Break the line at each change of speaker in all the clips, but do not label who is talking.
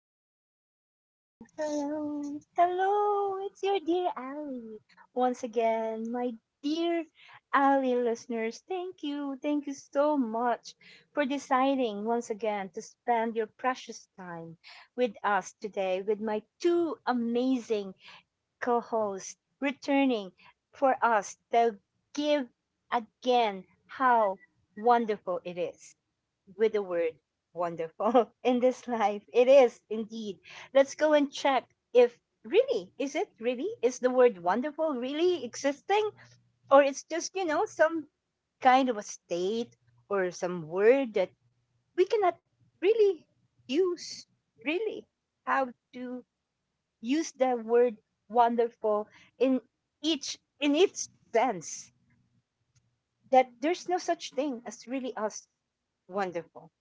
hello, hello, hello, hello. It's your dear Ali once again, my dear Ali listeners. Thank you so much for deciding once again to spend your precious time with us today with my two amazing co-hosts returning for us to give again how wonderful it is with the word wonderful in this life. It is indeed. Let's go and check if really, is it really? Is the word wonderful really existing? Or it's just, you know, some kind of a state or some word that we cannot really use, really, how to use the word wonderful in each in its sense that there's no such thing as really us wonderful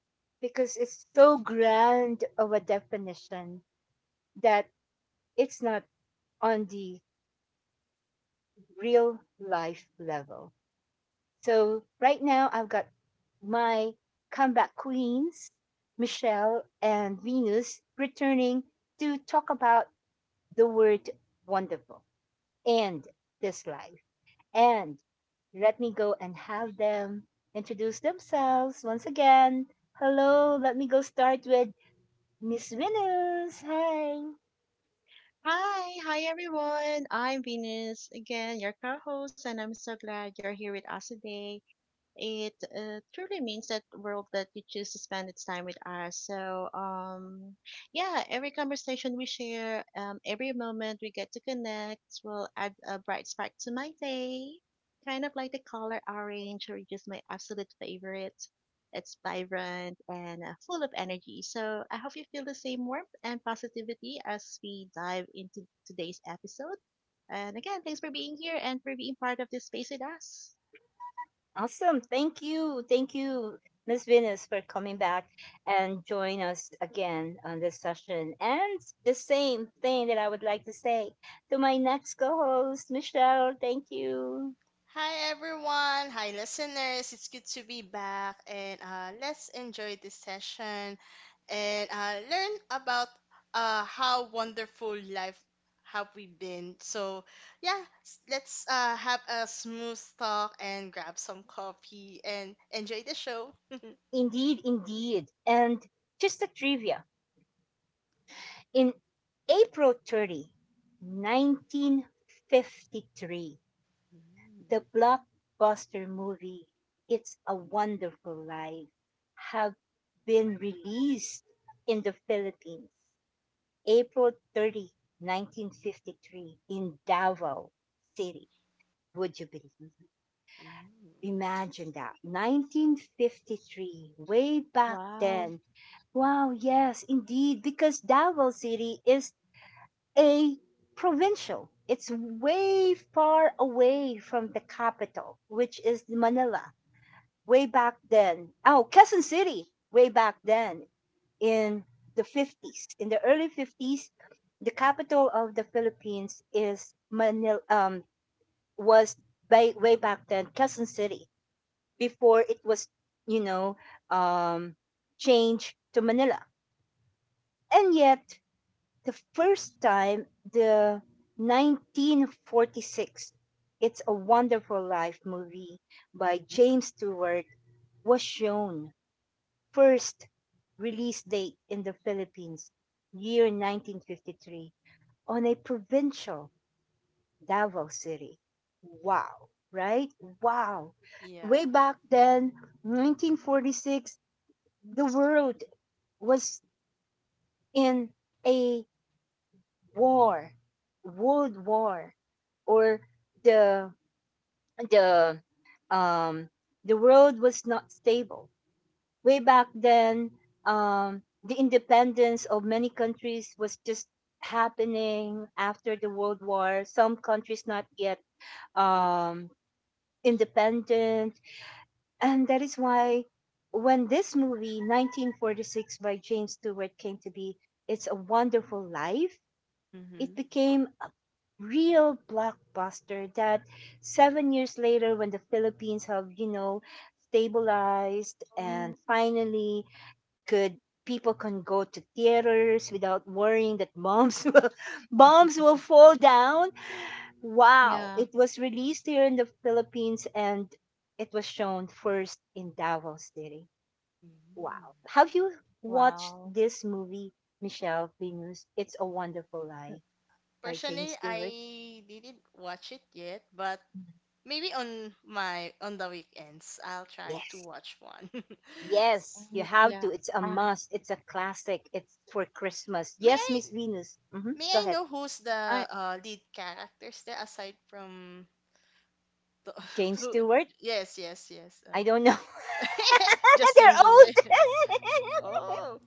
because it's so grand of a definition that it's not on the real life level. So right now I've got my comeback queens, Michelle and Venus, returning to talk about the word wonderful and this life. And let me go and have them introduce themselves once again. Hello, let me go start with Miss Venus. Hi.
Hi, everyone. I'm Venus again, your co-host, and I'm so glad you're here with us today. It truly means that world that you choose to spend its time with us. So, yeah, every conversation we share, every moment we get to connect will add a bright spark to my day. Kind of like the color orange, or just my absolute favorite. It's vibrant and full of energy. So, I hope you feel the same warmth and positivity as we dive into today's episode. And again, thanks for being here and for being part of this space with us.
Awesome. Thank you. Thank you, Miss Venus, for coming back and join us again on this session. And the same thing that I would like to say to my next co-host, Michelle. Thank you.
Hi everyone, hi listeners. It's good to be back and let's enjoy this session and learn about how wonderful life have we been. So yeah, let's have a smooth talk and grab some coffee and enjoy the show.
Indeed, indeed. And just a trivia, in April 30, 1953, the blockbuster movie It's a Wonderful Life have been released in the Philippines, April 30, 1953, in Davao City. Would you believe?
Ooh.
Imagine that. 1953, way back
Wow.
then. Wow, yes, indeed, because Davao City is a provincial. It's way far away from the capital, which is Manila, way back then. Oh, Quezon City, way back then in the 50s. In the early 50s, the capital of the Philippines is Manila, was by, way back then Quezon City before it was, you know, um, changed to Manila. And yet, the first time, the 1946 It's a Wonderful Life movie by James Stewart was shown, first release date in the Philippines year 1953, on a provincial Davao City. Wow, right. Wow. Way
Yeah.
back then, 1946, the
Yes.
world was in a war, world war, or the the um the world was not stable. Way back then, the independence of many countries was just happening after the world war. Some countries not yet um independent, and that is why when this movie 1946 by James Stewart came to be, it's a wonderful life. It
Hmm.
became real blockbuster that 7 years later when the Philippines have, you know, stabilized
Mm,
and finally could, people can go to theaters without worrying that bombs will, bombs will fall down. Wow,
yeah.
it was released here in the Philippines, and it was shown first in Davao City.
Mm.
Wow, have you watched
Wow.
this movie, Michelle, Venus? It's a Wonderful
Mm,
Life by James
Personally,
Stewart.
I didn't watch it yet, but maybe on my on the weekends, I'll try to watch one.
Yes,
S-
you
Um,
have
yeah.
to. It's a
I,
must. It's a classic. It's for Christmas.
may
Yes,
I
Miss Venus. Hmm. Go ahead.
know who's the
I,
lead characters there aside from the,
James
who?
Stewart?
Yes, yes, yes.
I don't know. They're
Justin Joel.
old.
Oh,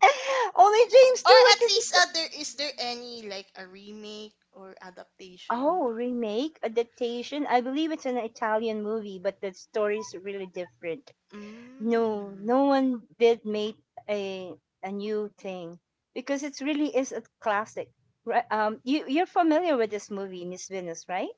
Only James
or at
Stewart is.
least there is there any like a remake or adaptation?
Oh, remake, adaptation. I believe it's an Italian movie, but the story is really different. No,
Mm.
no one did make a a new thing because it really is a classic. Right? You're familiar with this movie, Miss Venus, right?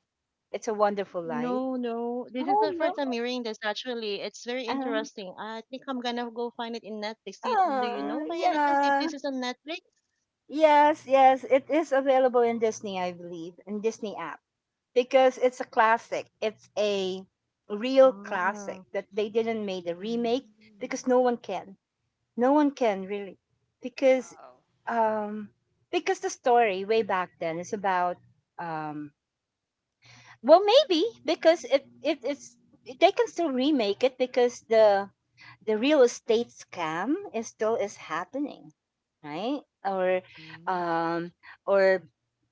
It's a Wonderful Life.
no, no. This is
Oh
the
no.
first time hearing this, actually. It's very
Uh,
interesting. I think I'm gonna go find it in Netflix. Do you know
oh
by any chance if
yeah.
this is on Netflix?
Yes, yes. It is available in Disney, I believe, in Disney app. Because it's a classic. It's a real classic
Ah.
that they didn't make a remake
Mm.
because no one can. No one can really. Because
Wow.
um because the story way back then is about, um well, maybe because if it's, they can still remake it because the real estate scam is still is happening, right? Or
Mm.
um or,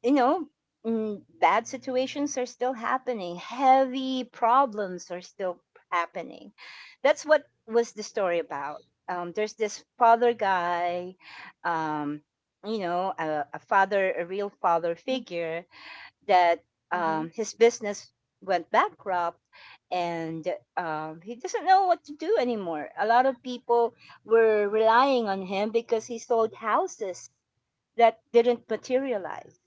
you know, mm, bad situations are still happening. Heavy problems are still happening. That's what was the story about. There's this father guy, um, you know, a father, a real father
Mm-hmm.
figure that
Mm-hmm.
his business went bankrupt and, he doesn't know what to do anymore. A lot of people were relying on him because he sold houses that didn't materialize.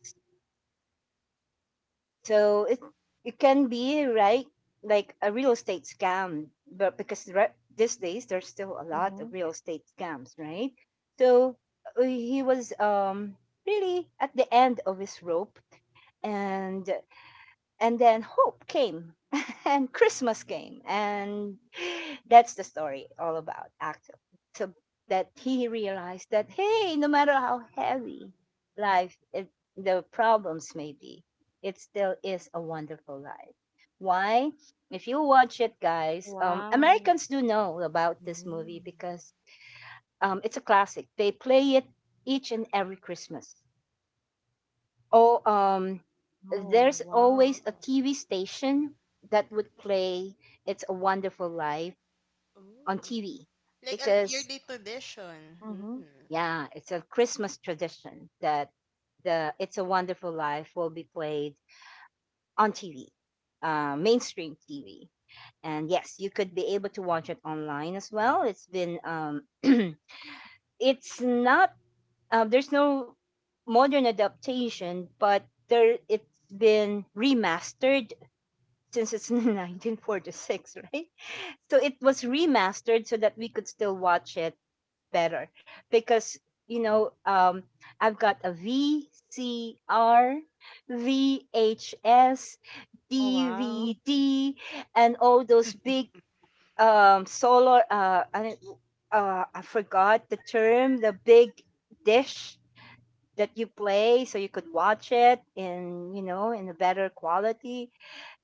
So it can be right, like a real estate scam, but because re- these days there's still a lot
Mm-hmm.
of real estate scams, right? So he was really at the end of his rope, and and then hope came and Christmas came, and that's the story all about actually. So that he realized that, hey, no matter how heavy life it, the problems may be, it still is a wonderful life. Why? If you watch it, guys,
Wow.
Americans do know about this movie
Mm.
because, it's a classic, they play it each and every Christmas. Oh,
Oh,
there's
wow.
always a
Oh.
TV station that would play "It's a Wonderful Life" on
Oh.
TV
Like a
because,
yearly tradition.
Mm-hmm.
Hmm.
yeah, it's a Christmas tradition that the "It's a Wonderful Life" will be played on TV, mainstream TV. And yes, you could be able to watch it online as well. It's been, it's not, there's no modern adaptation, but there it's been remastered since it's 1946, right? So it was remastered so that we could still watch it better because, you know, I've got a VCR, VHS,
Oh, wow.
DVD, and all those big solar. I forgot the term. The big dish that you play so you could watch it in, you know, in a better quality,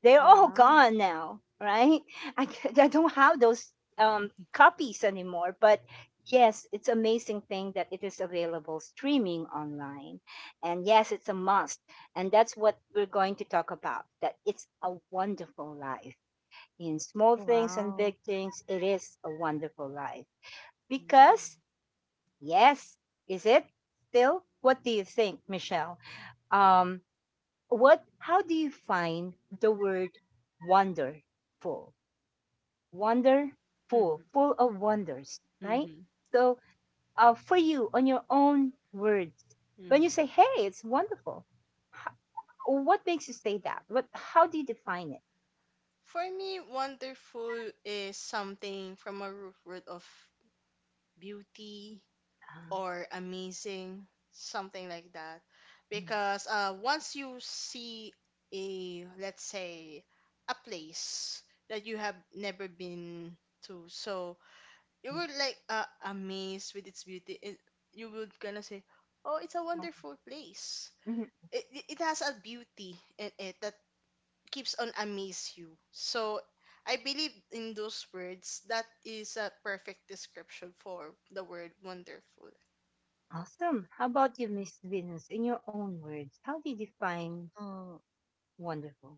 they're
Oh,
all
wow.
gone now, right? I don't have those copies anymore. But yes, it's amazing thing that it is available streaming online. And yes, it's a must. And that's what we're going to talk about, that it's a wonderful life. In small things and big
Wow.
things, it is a wonderful life. Because, yes, is it still? What do you think, Michelle? Um, what how do you find the word wonderful, wonderful full of wonders, right?
Hmm.
So for you, on your own words, when you say, hey, it's wonderful, h- what makes you say that? What how do you define it?
For me, wonderful is something from a root word of beauty
Ah,
or amazing, something like that.
mm,
Because once you see a, let's say, a place that you have never been to, so you
mm,
were like amazed with its beauty. It, you would gonna say, "Oh, it's a
mm,
wonderful place."
mhm.
It has a beauty in it that keeps on amaze you. So I believe in those words. That is a perfect description for the word wonderful.
Awesome. How about you, Miss Venus, in your own words, how do you define
Oh,
wonderful?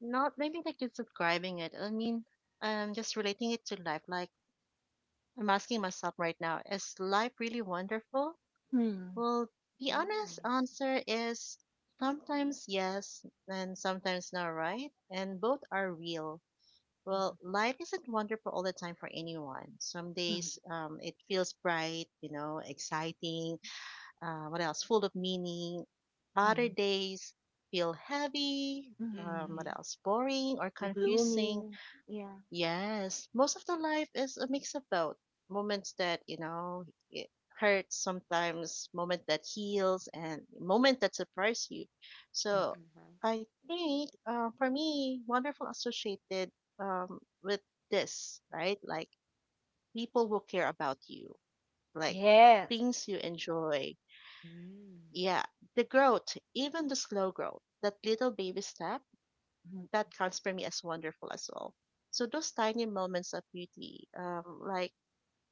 not maybe like just describing it. I mean, just relating it to life, like I'm asking myself right now, is life really wonderful?
Mm,
Well, the honest
Mm.
answer is sometimes yes and sometimes no, right? And both are real.
mhm,
Well, life isn't wonderful all the time for anyone. Some
mhm,
days it feels bright, you know, exciting, what else, full of meaning.
mhm,
Other days feel heavy,
mhm, mhm.
what
Mhm.
else, boring or
Gloomy,
confusing.
yeah.
Yes, most of the life is a mix of both. Moments that, you know, it hurts sometimes, moment that heals, and moment that surprise you. So
Mhm.
I think for me, wonderful associated with this, right? Like people who care about you, like
Yes.
things you enjoy.
Mm.
Yeah, the growth, even the slow growth, that little baby step
Mhm,
that counts for me as wonderful as well. So those tiny moments of beauty, like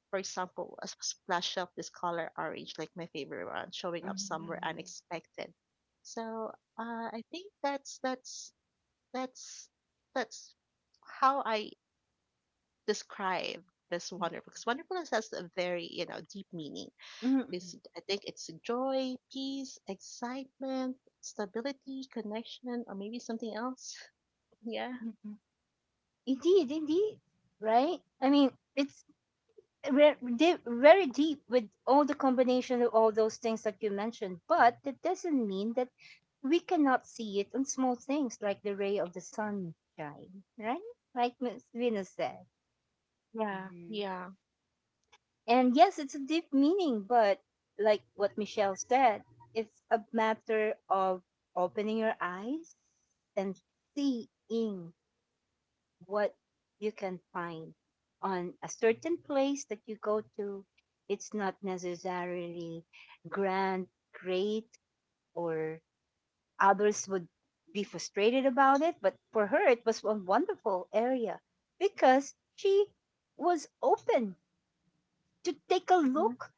for example, a splash of this color orange, like my favorite one, showing up
mhm,
somewhere
Mhm.
unexpected. So I think that's that's how I describe this
mhm,
wonderful. Because wonderfulness has a very you know deep meaning.
mhm,
This I think it's joy, peace, excitement, stability, connection, or maybe something else. Yeah.
mhm, mhm. Indeed, indeed. Right? I mean, it's very deep with all the combination of all those things that you mentioned, but that doesn't mean that we cannot see it on small things like the ray of the sunshine, right? Like Miss Venus said.
Yeah,
Mhm.
yeah.
And yes, it's a deep meaning, but like what Michelle said, it's a matter of opening your eyes and seeing what you can find on a certain place that you go to. It's not necessarily grand, great, or others would be frustrated about it. But for her, it was a wonderful area because she was open to take a
Mm-hmm.
look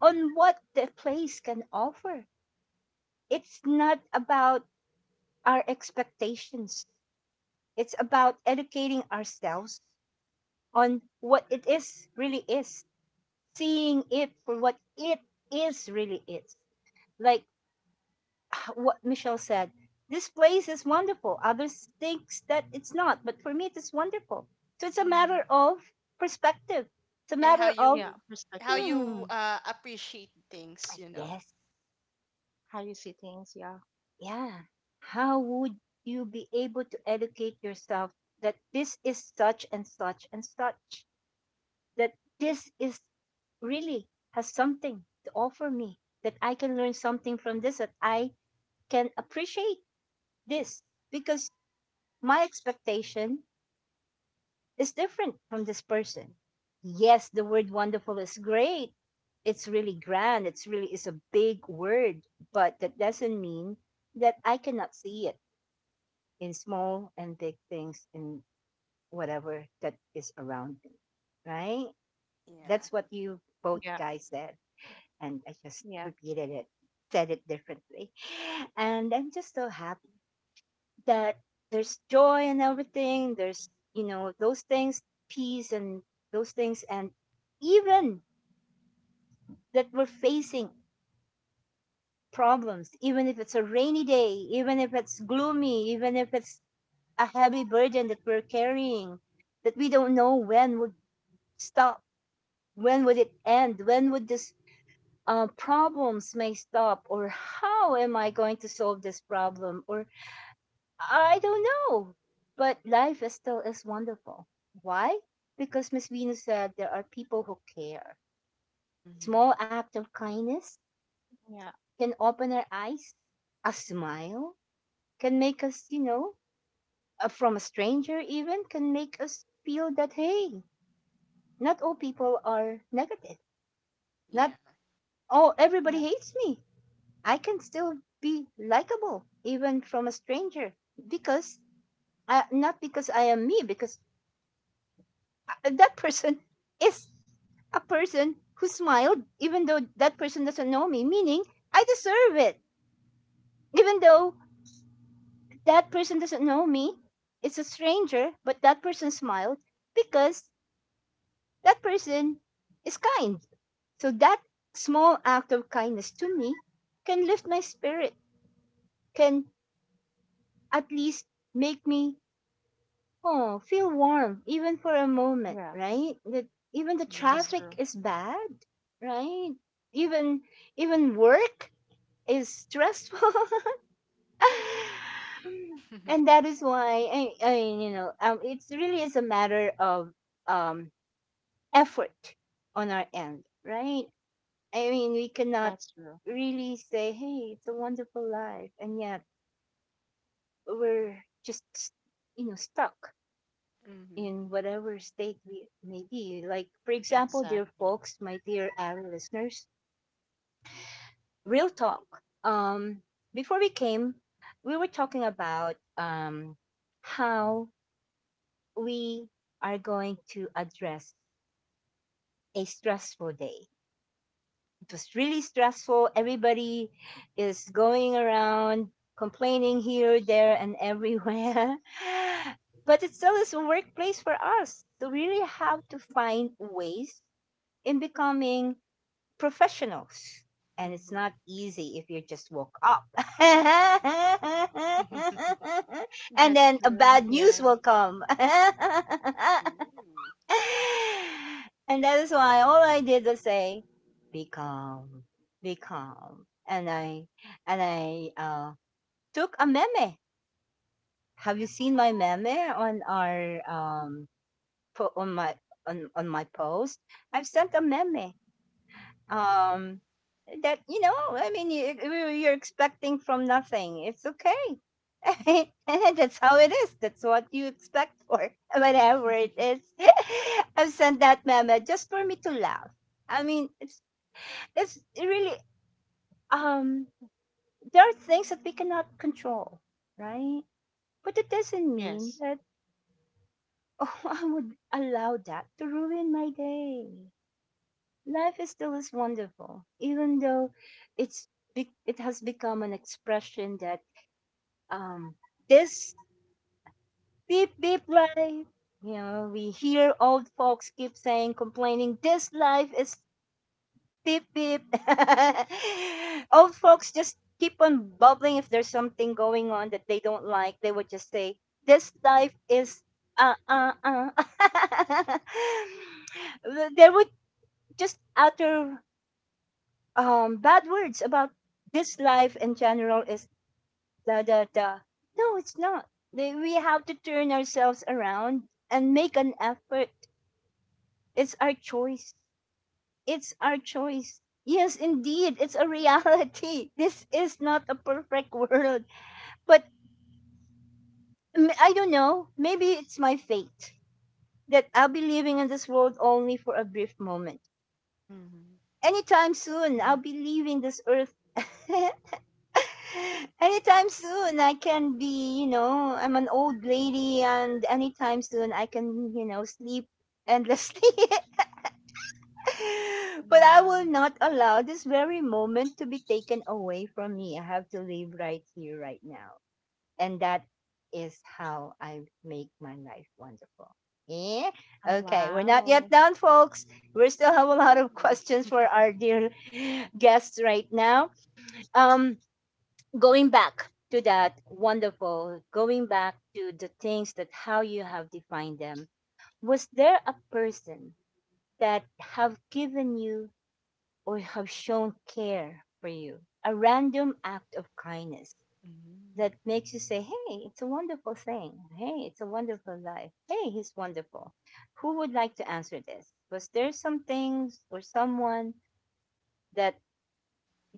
on what the place can offer. It's not about our expectations. It's about educating ourselves on what it is really is, seeing it for what it is really is. Like what Michelle said, this place is wonderful. Others thinks that it's not, but for me it is wonderful. So it's a
Hmm.
matter of perspective. It's a
And
matter of,
Yeah,
how
perspective,
you
hmm,
appreciate
I
things, you know.
guess,
how you see things. Yeah,
yeah. How would you be able to educate yourself that this is such and such and such? That this is really has something to offer me, that I can learn something from this, that I can appreciate this because my expectation is different from this person. Yes, the word wonderful is great. It's really grand. It's really is a big word, but that doesn't mean that I cannot see it in small and big things in whatever that is around me. Right?
Yeah,
That's what you both
yeah,
guys said. And I just
yeah,
repeated it, said it differently. And I'm just so happy that there's joy and everything, there's, you know, those things, peace and those things, and even that we're facing problems, even if it's a rainy day, even if it's gloomy, even if it's a heavy burden that we're carrying that we don't know when would stop, when would it end, when would this problems may stop, or how am I going to solve this problem, or I don't know. But life is still is wonderful. Why? Because Miss Venus said there are people who care.
mhm,
Small act of kindness
yeah,
can open our eyes. A smile can make us, you know, from a stranger, even can make us feel that, hey, not all people are negative. Not
yeah.
all everybody
yeah.
hates me. I can still be likable even from a stranger because not because I am me because that person is a person who smiled even though that person doesn't know me, meaning I deserve it even though that person doesn't know me. It's a stranger, but that person smiled because that person is kind. So that small act of kindness to me can lift my spirit, can at least make me, oh, feel warm even for a moment,
Yes,
right? That even the
that's
Mhm.
traffic
true.
is bad, right? Even even work is stressful. And that is why I it really is a matter of um effort on our end, right? I mean, we cannot
That's true.
really say, "Hey, it's a wonderful life," and yet we're just, stuck
Mhm.
in whatever state we may be. Like, for example,
Exactly.
dear folks, my dear our listeners, real talk. Um, Before we came, we were talking about how we are going to address a stressful day. It was really stressful. Everybody is going around complaining here, there, and everywhere. But it still is a workplace for us. So we really have to find ways in becoming professionals. And it's
Mhm.
not easy if you just woke up. And
That's
then a
true.
bad news
Yeah.
will come.
Ooh.
And that is why all I did was say, be calm, be calm. And I and I uh, took a meme. Have you seen my meme on our on my on my post? I've sent a meme um that I mean you're expecting from nothing, it's okay. I mean, that's how it is, that's what you expect for, whatever it is. I've sent that meme just for me to laugh. I mean, it's really, um there are things that we cannot control, right? But it doesn't mean
Yes.
that, oh, I would allow that to ruin my day. Life is still is wonderful, even though it's, it has become an expression that, um this beep beep life. You know, we hear old folks keep saying, complaining, this life is beep beep. Old folks just keep on bubbling if there's something going on that they don't like. They would just say, this life is uh. There would just utter bad words about this life in general is da da da. No, it's not. We have to turn ourselves around and make an effort. It's our choice. It's our choice. Yes, indeed, it's a reality. This is not a perfect world, but, I don't know. Maybe it's my fate that I'll be living in this world only for a brief moment.
Mhm.
Anytime soon,
Yeah.
I'll be leaving this earth. Anytime soon I can be, I'm an old lady, and anytime soon I can, sleep endlessly. But I
Yeah.
will not allow this very moment to be taken away from me. I have to live right here, right now. And that is how I make my life wonderful. Yeah?
Oh,
Okay, we're not
wow.
yet done, folks. We still have a lot of
Mm.
questions for our dear guests right now. Um, Going back to that wonderful, going back to the things that how you have defined them, was there a person that have given you or have shown care for you? A random act of kindness that makes you say, hey, it's a wonderful thing. Hey, it's a wonderful life. Hey, he's wonderful. Who would like to answer this? Was there some things or someone that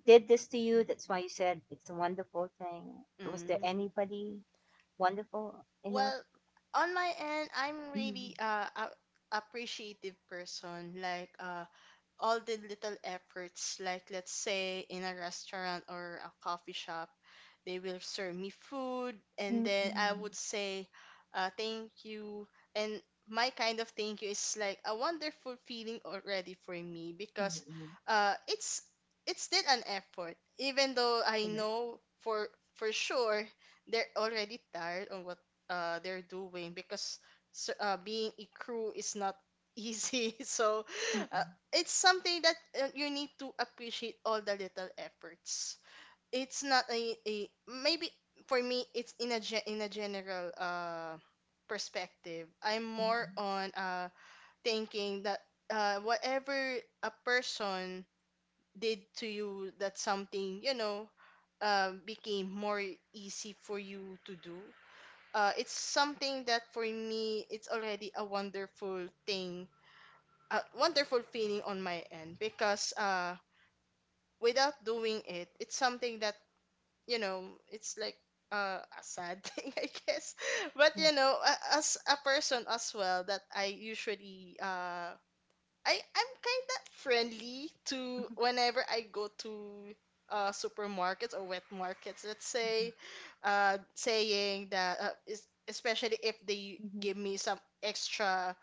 did this to you? That's why you said it's a wonderful thing. Was there
Mm.
anybody wonderful enough?
Well, on my end, I'm
Mm-hmm.
really a appreciative person. Like, all the little efforts, like let's say in a restaurant or a coffee shop, they will serve me food, and then I
Mm-hmm.
would say, thank you. And my kind of thank you is like a wonderful feeling already for me because
Mm-hmm.
uh, it's it's still an effort, even though I
Correct.
know for sure they're already tired on what they're doing because being a crew is not easy. So uh,
Mm-hmm.
it's something that you need to appreciate all the little efforts. It's not a maybe for me it's in a general perspective. I'm more
Mm-hmm.
on thinking that whatever a person did to you that something you know became more easy for you to do. It's something that for me it's already a wonderful thing a wonderful feeling on my end because without doing it, it's something that you know, it's like a sad thing, I guess. But
Yes.
you know, as a person as well, that I usually I'm kind of friendly to
Mm-hmm.
whenever I go to supermarkets or wet markets, let's
Mm-hmm.
say, saying that especially if they
Mm-hmm.
give me some extra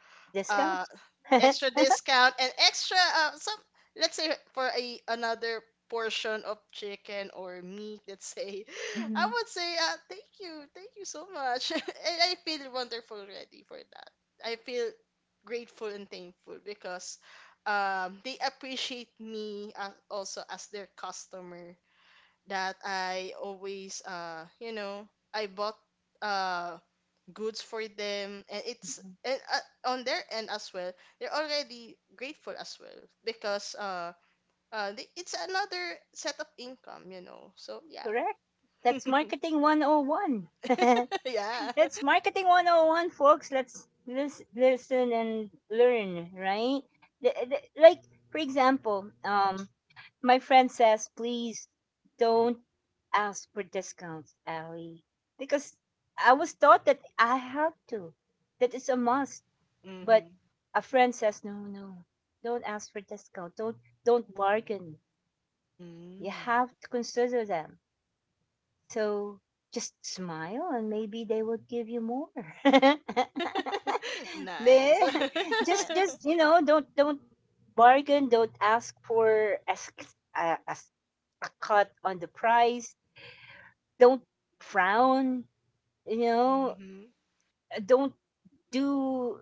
uh
Discounts.
extra discount and extra some let's say for a another portion of chicken or meat let's say. I
Mm-hmm.
would say, thank you, thank you so much. And I feel wonderful already for that. I feel grateful and thankful because they appreciate me as, also as their customer that I always, you know, I bought uh, goods for them and it's
Mm-hmm.
and on their end as well they're already grateful as well because it's another set of income, you know, so yeah.
Correct. That's marketing 101. That's
Yeah.
marketing 101, folks. Let's listen and learn, right? Like, for example, my friend says, please don't ask for discounts, Ellie, because I was taught that I have to, that it's a must. But
Mm-hmm.
a friend says, no, no, don't ask for discount. Don't bargain. You
Mm.
have to consider them. So just smile and maybe they will give you more.
Nice.
They-
Yes.
just don't bargain, don't ask for a, a s- a cut on the price. Don't frown, you know,
Mm-hmm.
don't do,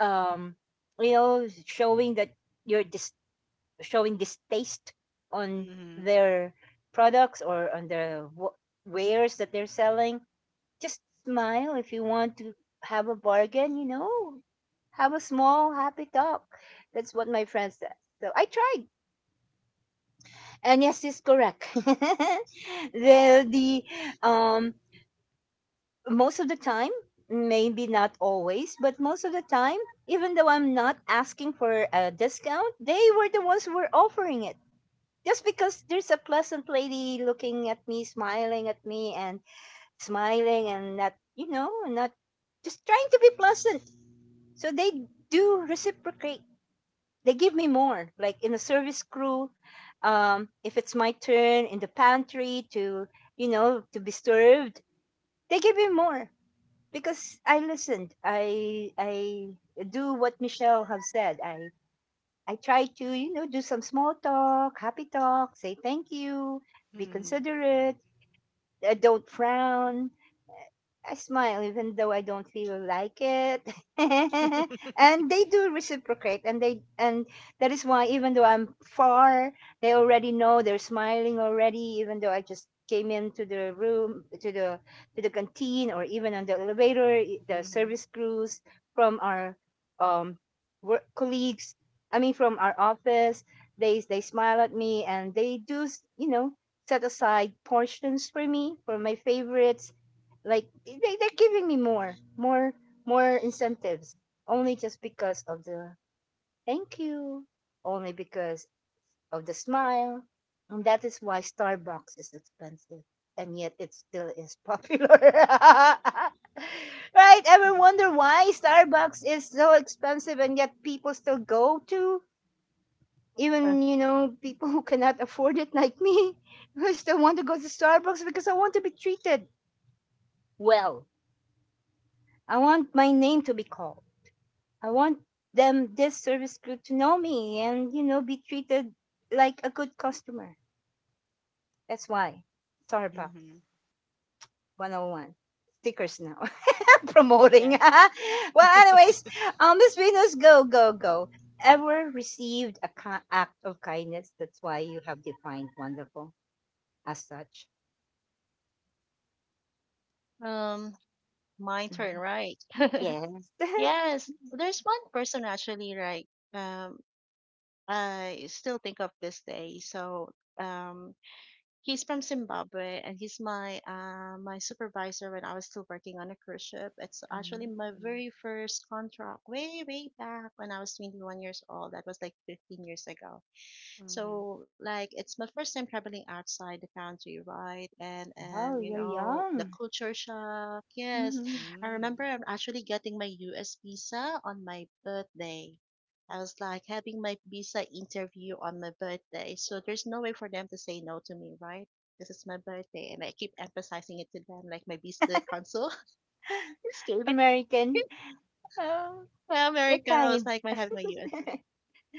um showing that you're dis- showing distaste on
Mm-hmm.
their products or on the wares that they're selling. Just smile if you want to have a bargain. Have a small, happy talk. That's what my friend said. So I tried. And yes, she's correct. The um Most of the time, maybe not always, but most of the time, even though I'm not asking for a discount, they were the ones who were offering it. Just because there's a pleasant lady looking at me, smiling at me, and smiling and not, not just trying to be pleasant. So they do reciprocate. They give me more, like in a service crew. If it's my turn in the pantry to be served, they give me more because I listened. I do what Michelle have said. I try to do some small talk, happy talk, say thank you, be
Mm-hmm.
considerate, don't frown, I smile even though I don't feel like it. And they do reciprocate, and that is why even though I'm far, they already know, they're smiling already, even though I just came into the room to the canteen, or even on the elevator, the
Mm-hmm.
service crews from our, um work colleagues, I mean from our office, they smile at me and they do, set aside portions for me, for my favorites, like, they're giving me more, more, more incentives, only just because of the thank you, only because of the smile. And that is why Starbucks is expensive and yet it still is popular. Right? Ever wonder why Starbucks is so expensive and yet people still go to?
Uh,
Even, people who cannot afford it like me, who still want to go to Starbucks because I want to be treated well. I want my name to be called. I want them, this service crew, to know me and be treated like a good customer. That's why
Mm-hmm.
Starbucks 101 stickers now, promoting.
yeah.
Well, anyways, Miss Venus, go go go. Ever received a act of kindness? That's why you have defined wonderful as such.
Um, my turn,
Mhm.
right?
Yes.
Yes. There's one person actually, right? Um, I still think of this day. So, um, he's from Zimbabwe and he's my my supervisor when I was still working on a cruise ship. It's actually my very first contract way back when I was 21 years old. That was like 15 years ago.
Mm-hmm.
So like it's my first time traveling outside the country, right? And you
Oh, you're
know the
young.
culture shock. Yes,
Mhm.
I remember I'm actually getting my U.S. visa on my birthday. I was like having my visa interview on my birthday, so there's no way for them to say no to me, right? This is my birthday, and I keep emphasizing it to them, like my visa the consul just gave it.
American. Oh,
My
they're
American, I was
kind.
like, my having my U.S.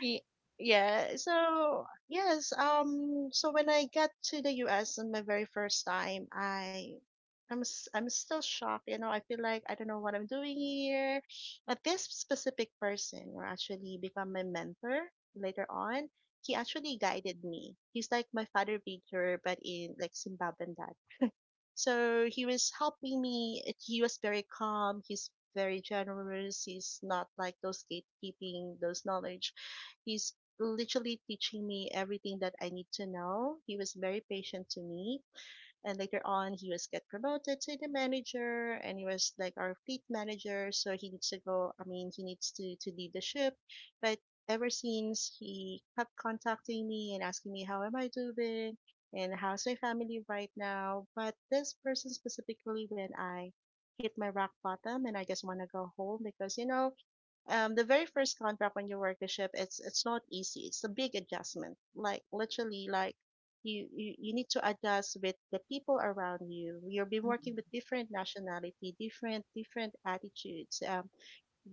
Y- Yeah. So yes. So when I got to the U.S. on my very first time, I'm still shocked. You know, I feel like I don't know what I'm doing here. But this specific person who actually become my mentor later on. He actually guided me. He's like my father figure, but in like Zimbabwean, so he was helping me. He was very calm. He's very generous. He's not like those gatekeeping, those knowledge. He's literally teaching me everything that I need to know. He was very patient to me, and later on he was get promoted to the manager, and he was like our fleet manager, so he needs to go, I mean he needs to leave the ship, but ever since he kept contacting me and asking me how am I doing and how's my family right now. But this person specifically, when I hit my rock bottom and I just want to go home, because you know, the very first contract when you work the ship, it's not easy. It's a big adjustment. Like literally, like you need to adjust with the people around you. You've been working with
Mhm.
different nationality, different attitudes,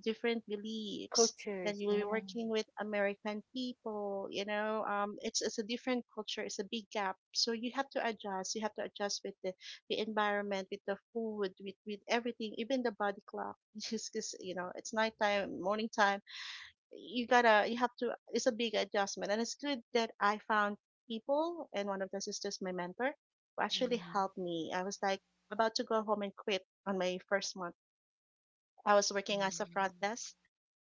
different beliefs, then
Cultures,
you'll be
yeah.
working with American people, you know. It's a different culture, it's a big gap, so you have to adjust. You have to adjust with the environment, with the food, with everything, even the body clock. Just 'cause you know it's nighttime morning time, you gotta you have to, it's a big adjustment. And it's good that I found people, and one of the sisters, my mentor, who actually helped me. I was like about to go home and quit on my first month. I was working as a front
Mm-hmm.
desk,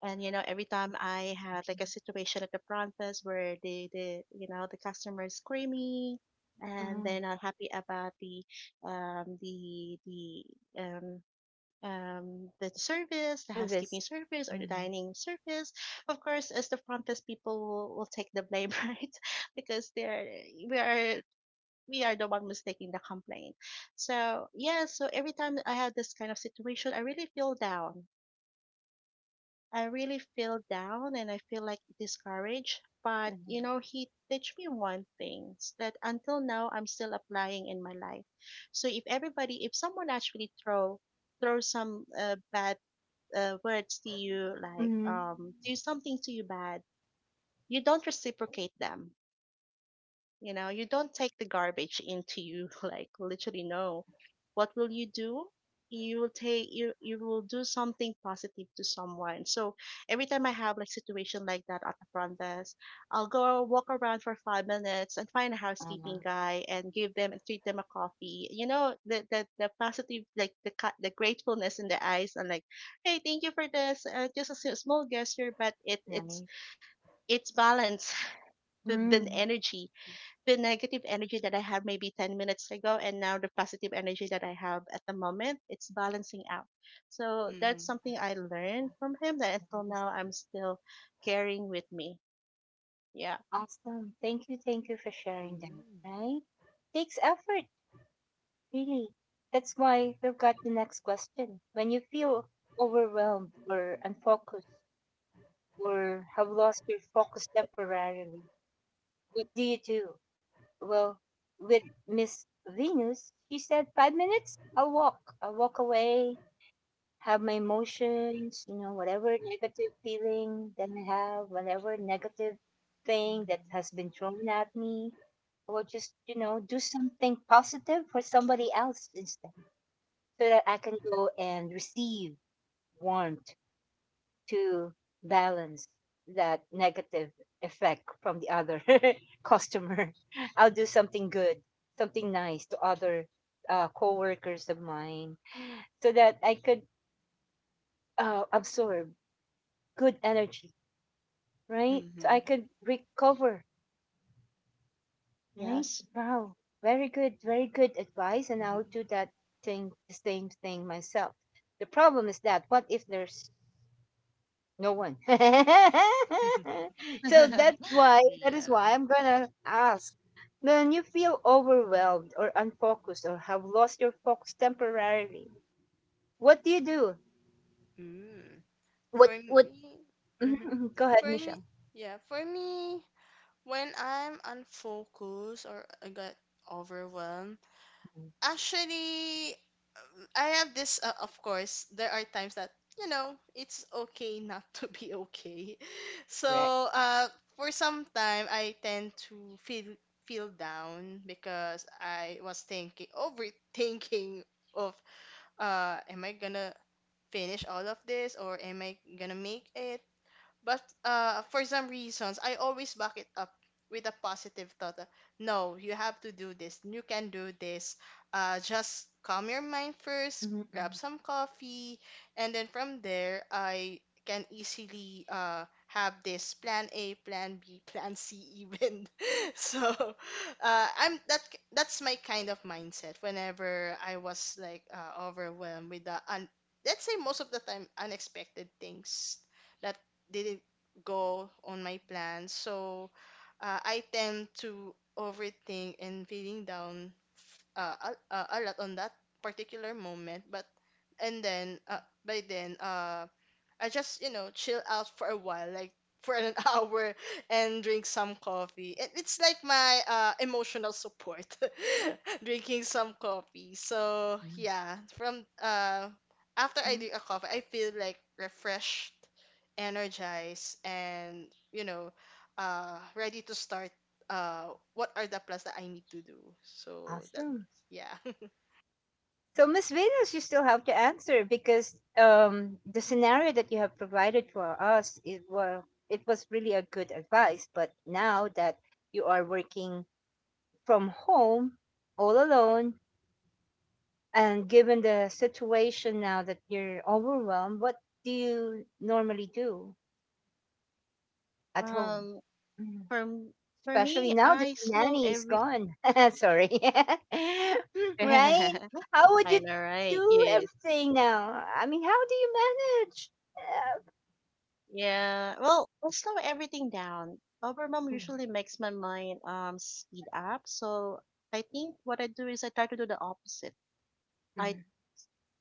and you know every time I had like a situation at the front desk where the you know the customer is screaming and they're
Ah,
not happy about the um the the um the service, the housekeeping
service.
service or the
Mm,
dining service. Of course as the front desk people will take the blame right, because they're we are we are the one who's taking the complaint. So yeah, so every time I have this kind of situation I really feel down. I really feel down and I feel like discouraged. But you know,
mm,
he teach me one thing that until now I'm still applying in my life. So if everybody, if someone actually throw some bad words to you, like
mhm.
do something to you bad, you don't reciprocate them. You know, you don't take the garbage into you, like literally no. What will you do? You will do something positive to someone. So every time I have like situation like that at the front desk, I'll go walk around for 5 minutes and find a housekeeping
Ah,
guy and give them and treat them a coffee. You know, the positive like the gratefulness in the eyes and like, hey, thank you for this. Just small gesture, but it's
nice.
it's balance the
Mm,
energy, the negative energy that I had maybe 10 minutes ago, and now the positive energy that I have at the moment, it's balancing out. So
Mm-hmm. Mm-hmm.
that's something I learned from him that until now
nice.
I'm still carrying with me. Yeah.
Awesome. Thank you. Thank you for sharing that. Right? Takes effort, really. That's why we've got the next question. When you feel overwhelmed or unfocused or have lost your focus temporarily, what do you do? Well, with Miss Venus, she said 5 minutes. I'll walk. I'll walk away. Have my emotions, whatever negative feeling that I have, whatever negative thing that has been thrown at me, or just, do something positive for somebody else instead, so that I can go and receive warmth to balance that negative effect from the other customer. I'll do something good, something nice to other, co-workers of mine, so that I could, absorb good energy, right? So
Mm-hmm.
I could recover, right?
Yes.
Wow. Very good, very good advice. And I'll
Mm-hmm.
do that thing, the same thing myself. The problem is that, what if there's no one? So that's why, that is
Yeah.
why I'm going to ask. When you feel overwhelmed or unfocused or have lost your focus temporarily, what do you do?
Mm. For
What,
me,
what, Mhm,
hmm,
mhm. Go ahead,
For me,
Michelle.
yeah, for me, when I'm unfocused or I got overwhelmed,
Mhm.
actually, I have this, of course, there are times that, you know, it's okay not to be okay.
Correct.
So, for some time, I tend to feel down because I was thinking, overthinking of, am I gonna finish all of this or am I gonna make it? But for some reasons, I always back it up with a positive thought. No, you have to do this. You can do this. Just calm your mind first,
Mhm,
grab
mhm.
some coffee, and then from there, I can easily have this plan A, plan B, plan C even. So I'm that's my kind of mindset whenever I was like overwhelmed with the let's say most of the time unexpected things that didn't go on my plans. So I tend to overthink and feeling down a lot on that particular moment. But and then by then, I just, you know, chill out for a while, like for an hour and drink some coffee. And it's like my emotional support, drinking some coffee. So,
Yes.
yeah, from after I
Mhm.
drink a coffee, I feel like refreshed, energized, and, you know, ready to start uh, what are the plans that I need to do. So, that,
Awesome.
yeah.
So, Miss Venus, you still have to answer, because, the scenario that you have provided for us, it well, it was really a good advice. But now that you are working from home all alone, and given the situation now that you're overwhelmed, what do you normally do at home?
um for m- for me,
Especially now
I
that the
slow
nanny is
every
gone. Sorry. Right? How would
I
you
know, right?
do
Yes.
everything now? I mean, how do you manage? Uh,
Yeah. Well, I slow everything down. Overwhelm
mm,
usually makes my mind speed up. So I think what I do is I try to do the opposite. I
mm,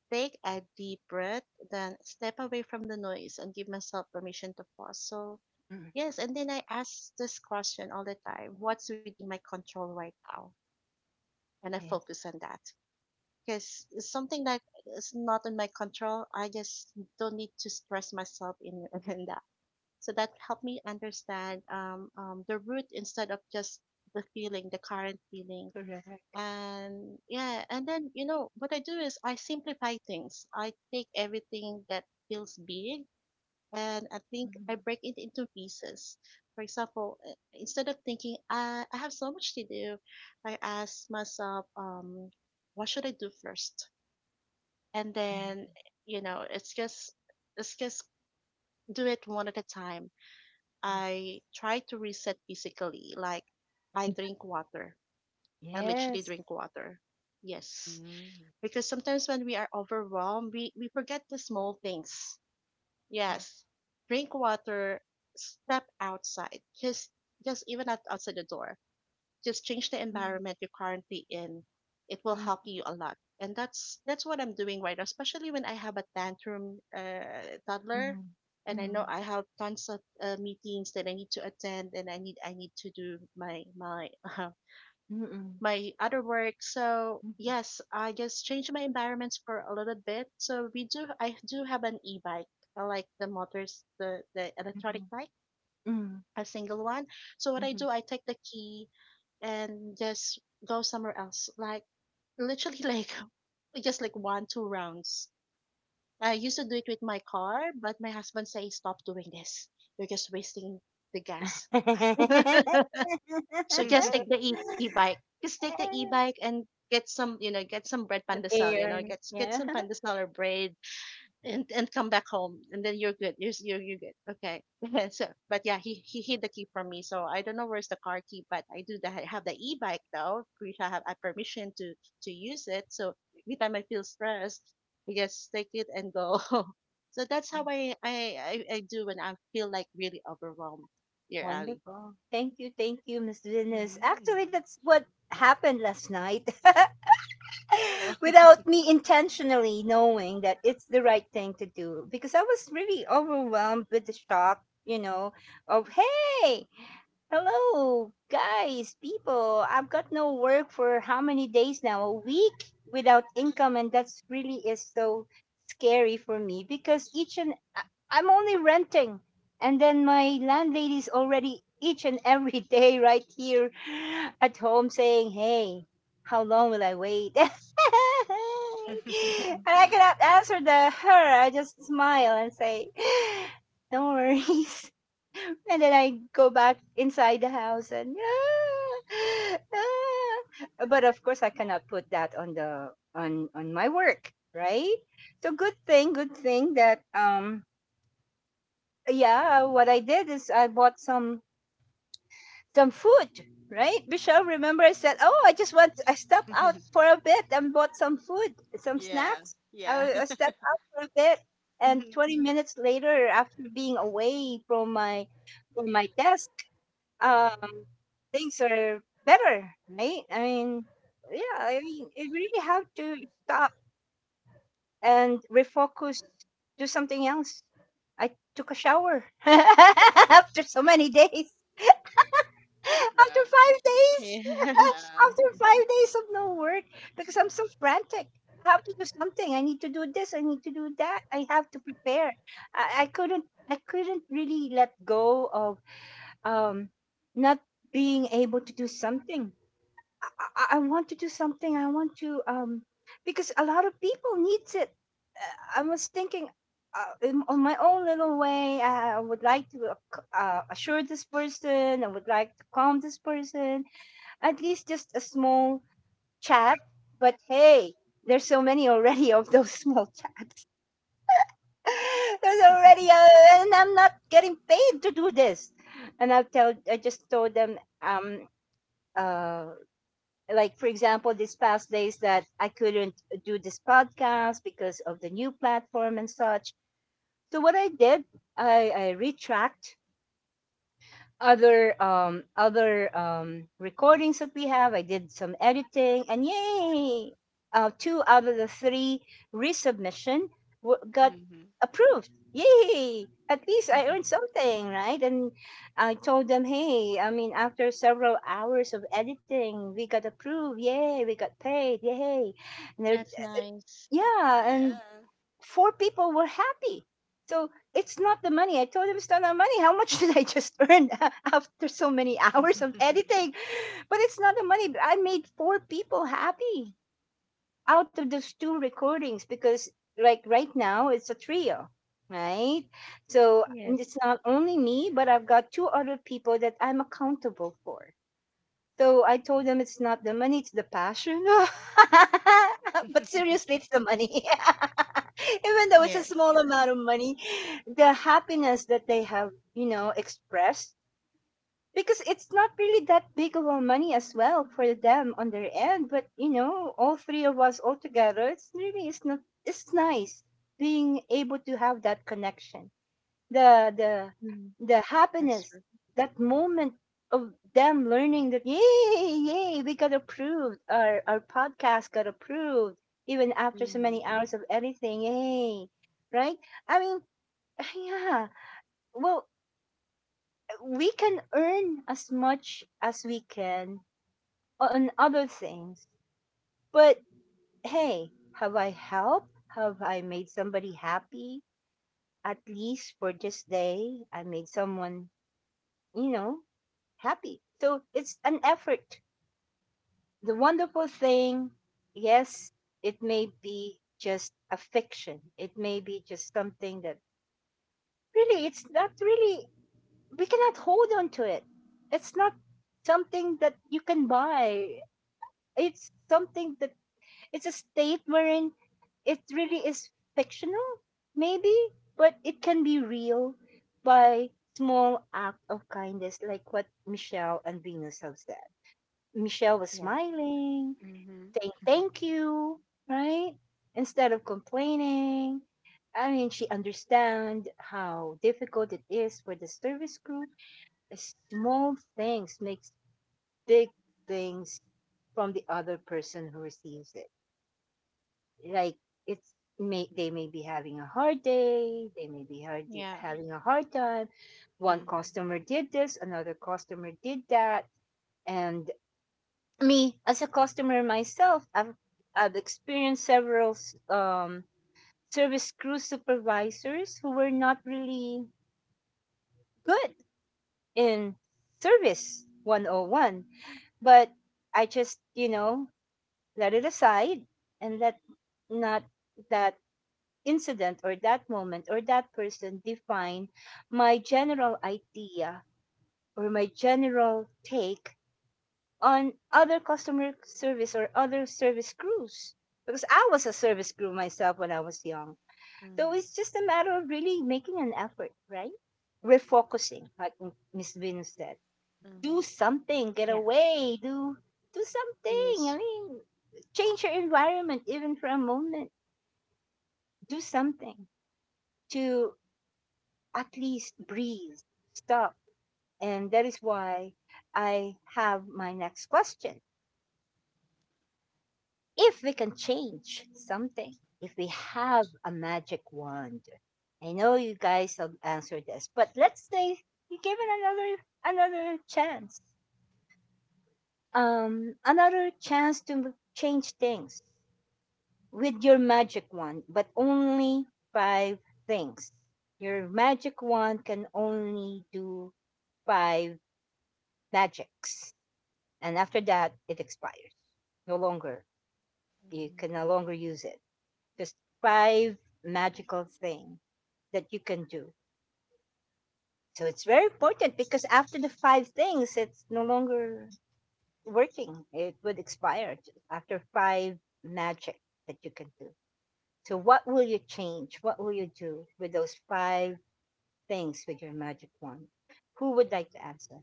take a deep breath, then step away from the noise and give myself permission to pause. So,
mm,
yes, and then I ask this question all the time, what's within my control right now? And I
yes,
focus on that, because it's something that is not in my control. I just don't need to stress myself in, in that. So, that helped me understand the root instead of just the feeling, the current feeling.
correct.
And yeah, and then you know what I do is I simplify things. I take everything that feels big, and I think I
Mm,
break it into pieces. For example, instead of thinking I have so much to do, I ask myself what should I do first? And
mm,
then you know it's just do it one at a time.
yes.
I try to reset physically, like I drink water. I literally
Yes.
drink water, yes,
Mm.
because sometimes when we are overwhelmed, we forget the small things.
Yes.
Yes, drink water, step outside, just even at outside the door, just change the
Mm,
environment you're currently in. It will
thank
help
you.
you a lot, and that's what I'm doing right now. Especially when I have a tantrum toddler,
Mm,
and I know
mm,
I have tons of meetings that I need to attend, and I need to do my
mm, mm,
my other work. So
mm,
yes, I just changed my environments for a little bit. So we do I do have an e-bike, I like the motors, the electronic bike,
mm,
a single one. So
mm,
what I
mm.
do, I take the key and just go somewhere else, like literally like just like one two rounds. I used to do it with my car, but my husband says stop doing this. You're just wasting the gas. So just take the e-bike. Just take the e-bike and get some bread pandesal,
Air.
get
Yeah.
some pandesal or bread and come back home, and then you're good. You're good. Okay. So but yeah, he hid the key from me. So I don't know where's the car key, but I have the e-bike though. We shall have a permission to use it. So every time I feel stressed, I just take it and go. So that's how I do when I feel like really overwhelmed, dear Ali.
Wonderful. Thank you, Miss Venus.
Mm.
Actually, that's what happened last night,
Oh.
without me intentionally knowing that it's the right thing to do, because I was really overwhelmed with the shock, of hey, hello, guys, people. I've got no work for how many days now? A week without income, and that's really is so scary for me, because each and I'm only renting, and then my landlady's already each and every day right here at home saying, "Hey, how long will I wait?" And I cannot answer the her. I just smile and say, "No worries." And then I go back inside the house and, yeah, ah." But of course I cannot put that on the, on my work, right? So good thing, good thing that yeah, what I did is I bought some food, right? Michelle, remember I said, "Oh, I just want I stepped out for a bit and bought some food, some
Yeah,
snacks."
yeah.
I stepped out for a bit and
Mhm.
20 minutes later after being away from my desk. um Things are better, right? I mean, yeah, I mean, you really have to stop and refocus, do something else. I took a shower after so many days,
Yeah,
after 5 days,
Yeah.
yeah.
after 5 days of no work, because I'm so frantic. I have to do something. I need to do this, I need to do that, I have to prepare. I couldn't really let go of um not being able to do something. I, I want to do something. I want to because a lot of people needs it. I was thinking on my own little way. I would like to assure this person. I would like to calm this person. At least just a small chat. But hey, there's so many already of those small chats. there's already, uh, and I'm not getting paid to do this. I just told them, uh, like for example these past days that I couldn't do this podcast because of the new platform and such. So what I did, I retract other other recordings that we have. I did some editing, and yay! Two out of the three resubmission got
Mhm.
approved. Yay! At least I earned something, right? And I told them, hey, I mean, after several hours of editing, we got approved. Yay! We got paid. Yay! And they're,
That's nice.
yeah, and
Yeah.
four people were happy. So it's not the money. I told him it's not the money. How much did I just earn after so many hours of editing? But it's not the money. But I made four people happy out of those two recordings because, like, right now it's a trio, right? So
Yes.
it's not only me, but
Yeah.
I've got two other people that I'm accountable for. So I told them it's not the money, it's the passion. But seriously, it's the money. Even though it's a
Yes.
small amount of money, the happiness that they have, you know, expressed, because it's not really that big of a money as well for them on their end. But you know, all three of us all together, it's really, it's not, it's nice being able to have that connection, the the
Mm,
the
that's
happiness,
true.
that moment of them learning that yay, yay, we got approved. Our podcast got approved even after so
Mhm.
many hours of editing. Yay. Right? I mean, yeah. Well, we can earn as much as we can on other things. But hey, have I helped? Have I made somebody happy? At least for this day, I made someone, you know, happy. So it's an effort. The wonderful thing, yes, it may be just a fiction. It may be just something that really, it's not really, we cannot hold on to it. It's not something that you can buy. It's something that, it's a state wherein it really is fictional, maybe, but it can be real by small act of kindness, like what Michelle and Venus have said. Michelle was
Yeah.
smiling,
Mhm.
saying thank you, right? Instead of complaining. I mean, she understand how difficult it is for the service crew. Small things makes big things from the other person who receives it. Like, it's, may, they may be having a hard day, they may be hard,
Yeah.
having a hard time. One
Mhm.
customer did this, another customer did that, and me as a customer myself, I've experienced several service crew supervisors who were not really good in service 101. But I just, you know, let it aside and let not that incident or that moment or that person define my general idea or my general take on other customer service or other service crews, because I was a service crew myself when I was young. So
Mhm.
it's just a matter of really making an effort, right? Refocusing, like Miss Vin said.
Mhm.
Do something, get
Yeah.
away, do something.
Yes.
I mean, change your environment even for a moment. Do something to at least breathe, stop. And that is why I have my next question. If we can change something, if we have a magic wand. I know you guys have answered this, but let's say you give it another another chance. Another chance to change things with your magic wand, but only five things. Your magic wand can only do five magics. And after that it expires. No longer. You can no
Mhm.
longer use it. There's five magical thing that you can do. So it's very important because after the five things, it's no longer working. It would expire after five magic that you can do. So what will you change? What will you do with those five things with your magic wand? Who would like to answer?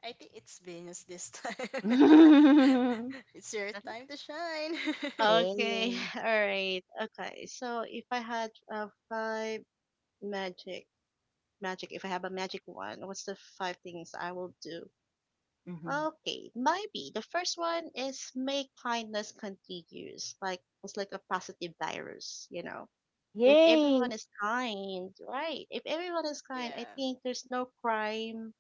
I think it's Venus this time. It's your
Uh-huh.
time to shine.
Okay.
Yay.
All right. Okay. So if I had five magic magic, if I have a magic one, what's the five things I will do?
Hmm.
Okay, maybe the first one is make kindness continuous. Like it's like a positive virus, you know. If
Yay.
everyone is kind, right? If everyone is kind, I
Yeah.
think there's no crime,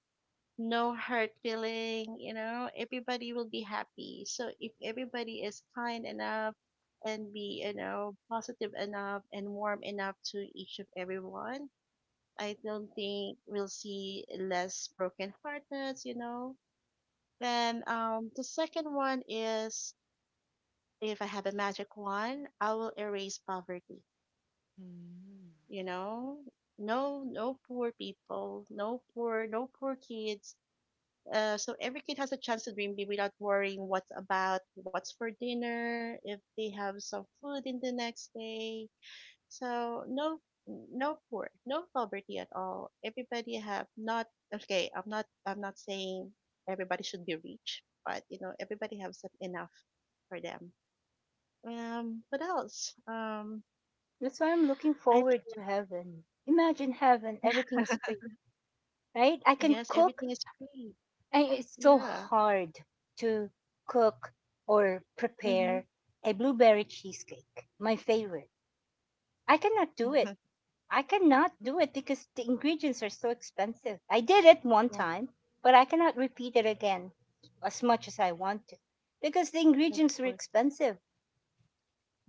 no hurt feeling, you know, everybody will be happy. So if everybody is kind enough and be, you know, positive enough and warm enough to each of everyone, I don't think we'll see less broken heartedness, you know. Then the second one is, if I have a magic wand, I will erase poverty,
Mhm.
you know. No poor people, no poor kids. So every kid has a chance to dream big without worrying what's for dinner, if they have some food in the next day. So no, no poor, no poverty at all. Everybody have not. Okay. I'm not saying everybody should be rich, but you know everybody has some enough for them. What else?
That's why I'm looking
I th-
forward to heaven. Imagine heaven, everything is free, right? I can
yes,
cook.
everything is free.
And it's so
Yeah.
hard to cook or
Mhm.
prepare a blueberry cheesecake, my favorite. I cannot do it. I cannot do it because the ingredients are so expensive. I did it one
yeah,
time, but I cannot repeat it again as much as I want to because the
of
ingredients were
course.
expensive.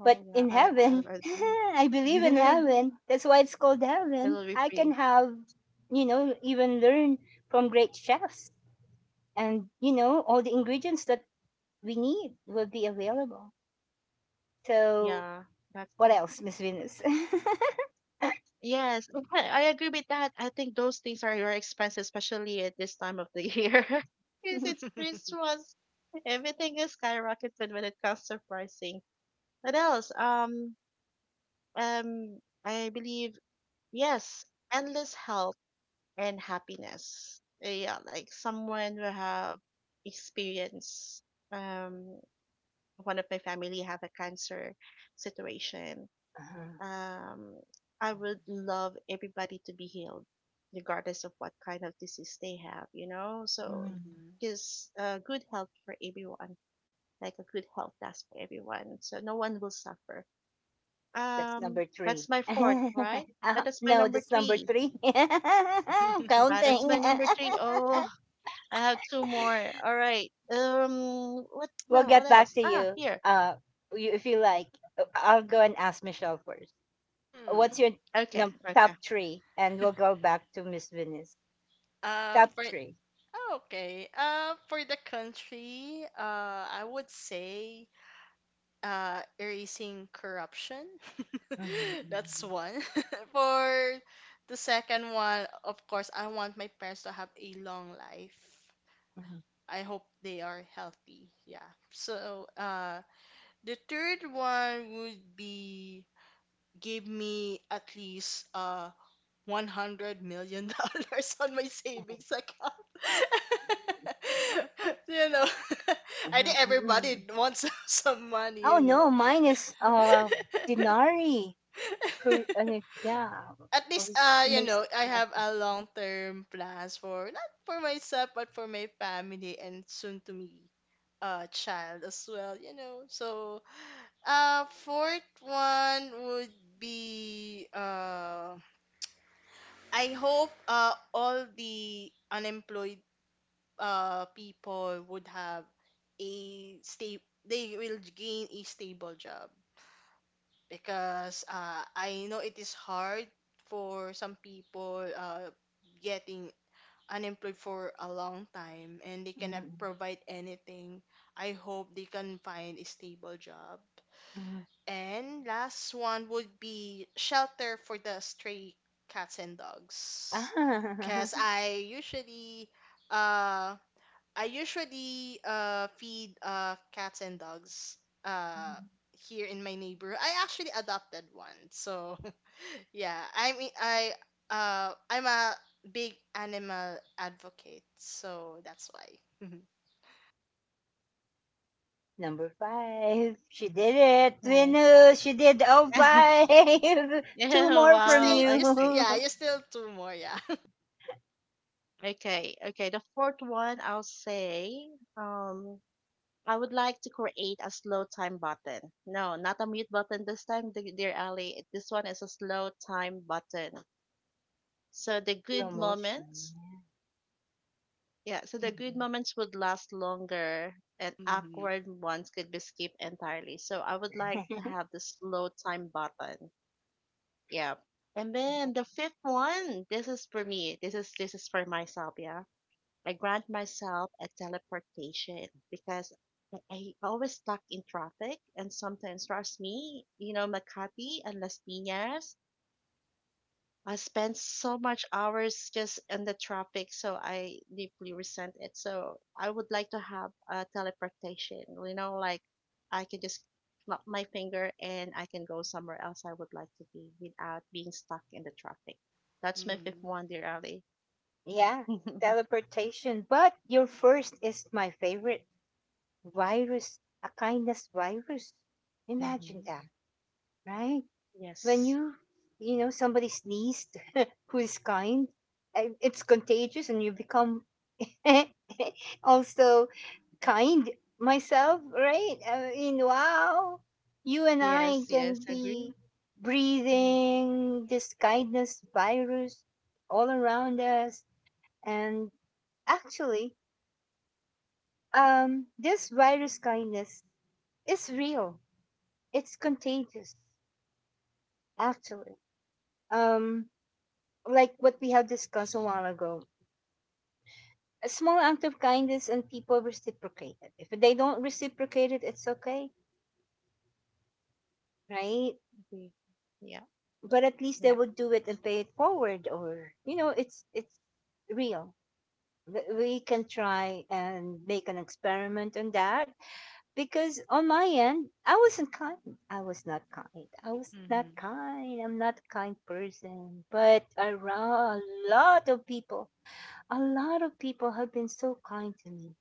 But
Oh
in
yeah, I I,
heaven,
I
I believe in
agree.
heaven. That's why it's called heaven.
It'll be
I can
free.
have, you know, even learn from great chefs and, you know, all the ingredients that we need will be available. So,
Yeah,
what
that's
else, Miss Venus?
yes. I agree with that. I think those things are your expense, especially at this time of the year, because it's Christmas. Everything is skyrocketed when it comes to pricing. What else? Um, I believe, yes, endless health and happiness. Yeah, like someone will have experience. Um, one of my family have a cancer situation.
Uh-huh.
um I would love everybody to be healed regardless of what kind of disease they have,
Mm.
Mhm.
because good health for everyone, like a good health does for everyone, so no one will suffer.
That's number three.
That's my fourth, right? But
No, that's number three. I'm
that's my
counting.
number three. Oh, I have two more. All right. What
We'll
now? What
get
else?
back to
Ah,
you.
here.
Uh, you, if you like, I'll go and ask Michelle first. What's
Hmm.
your
Okay. Okay.
top three? And we'll go back to Miss Venus. Top
For
3.
Oh, okay. For the country, I would say erasing corruption.
Mhm,
That's
mhm,
one. For the second one, of course, I want my parents to have a long life.
mhm,
I hope they are healthy. Yeah. So, the third one would be give me at least 100 million dollars on my
mhm,
savings account. You know, I
mhm,
think
mhm,
everybody
mhm.
wants some money,
Oh
you
no,
know.
mine is Denari. Correct, ano, yeah,
At least, you
may
know, I
success.
have a long term plans for not for myself but for my family and soon to me child as well, you know. So, fourth one would be I hope all the unemployed people would have a stable they will gain a stable job because I know it is hard for some people getting unemployed for a long time and they cannot
Mm,
provide anything. I hope they can find a stable job.
mm.
And last one would be shelter for the stray cats and dogs.
Ah,
Because uh, I usually feed cats and dogs uh, here in my neighbor. I actually adopted one, so yeah, I'm a big animal advocate, so that's why.
number 5. She did it,
Nice.
Venus. She did all 5. 2
Yeah.
more
You
from
still,
Wow. Okay.
you.
yeah, you still two more, yeah.
Okay. Okay. The fourth one, I'll say, um, I would like to create a slow time button. No, not a mute button this time, dear Ali. This one is a slow time button. So the
Slow
good
motion.
moments, yeah, so the good
Mm.
moments would last longer and
Mhm,
awkward ones could be skipped entirely. So I would like to have the slow time button. Yeah. And then the fifth one, this is for me. This is for myself, yeah. I grant myself a teleportation because I always stuck in traffic, and sometimes trust me, Makati and Las Piñas. I spent so much hours just in the traffic, so I deeply resent it. So I would like to have a teleportation, like I can just snap my finger and I can go somewhere else I would like to be without being stuck in the traffic. That's my fifth
mhm,
one, dear Ali.
Yeah, teleportation. But your first is my favorite, virus, a kindness virus. Imagine that, right? When
yes,
you know, somebody sneezed who's kind, it's contagious and you become also kind myself, right? I mean, wow, you and I
yes,
can
yes, agree.
be
mhm,
breathing this kindness virus all around us. And actually, this virus kindness is real, it's contagious. Actually, um like what we have discussed a while ago, a small act of kindness and people reciprocate it. If they don't reciprocate it, it's okay, right?
Exactly. Yeah.
But at least they
Yeah.
would do it and pay it forward, or you know, it's real. We can try and make an experiment on that because on my end, I wasn't kind. I was not kind. I was
mhm,
not
mhm,
kind. I'm not a kind person. But around a lot of people, a lot of people have been so kind to me.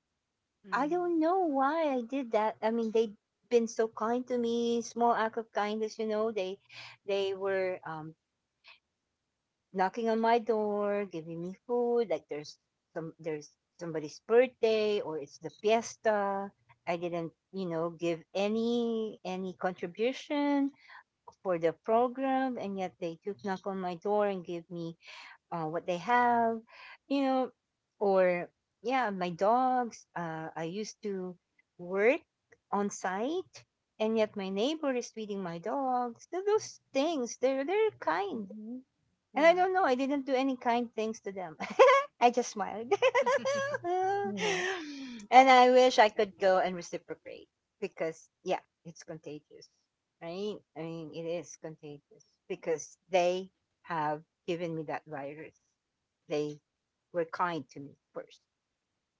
I don't know why I did that. I mean, they've been so kind to me, small act of kindness, you know. They were knocking on my door, giving me food. Like there's some, there's somebody's birthday or it's the fiesta. I didn't, you know, give any contribution for the program, and yet they took knock on my door and gave me what they have, you know, or yeah, my dogs. I used to work on site, and yet my neighbor is feeding my dogs. So those things, they're kind,
Mm-hmm.
and I
Yeah.
don't know. I didn't do any kind things to them. I just smiled.
mhm, mhm.
And I wish I could go and reciprocate because, yeah, it's contagious, right? I mean, it is contagious because they have given me that virus. They were kind to me first.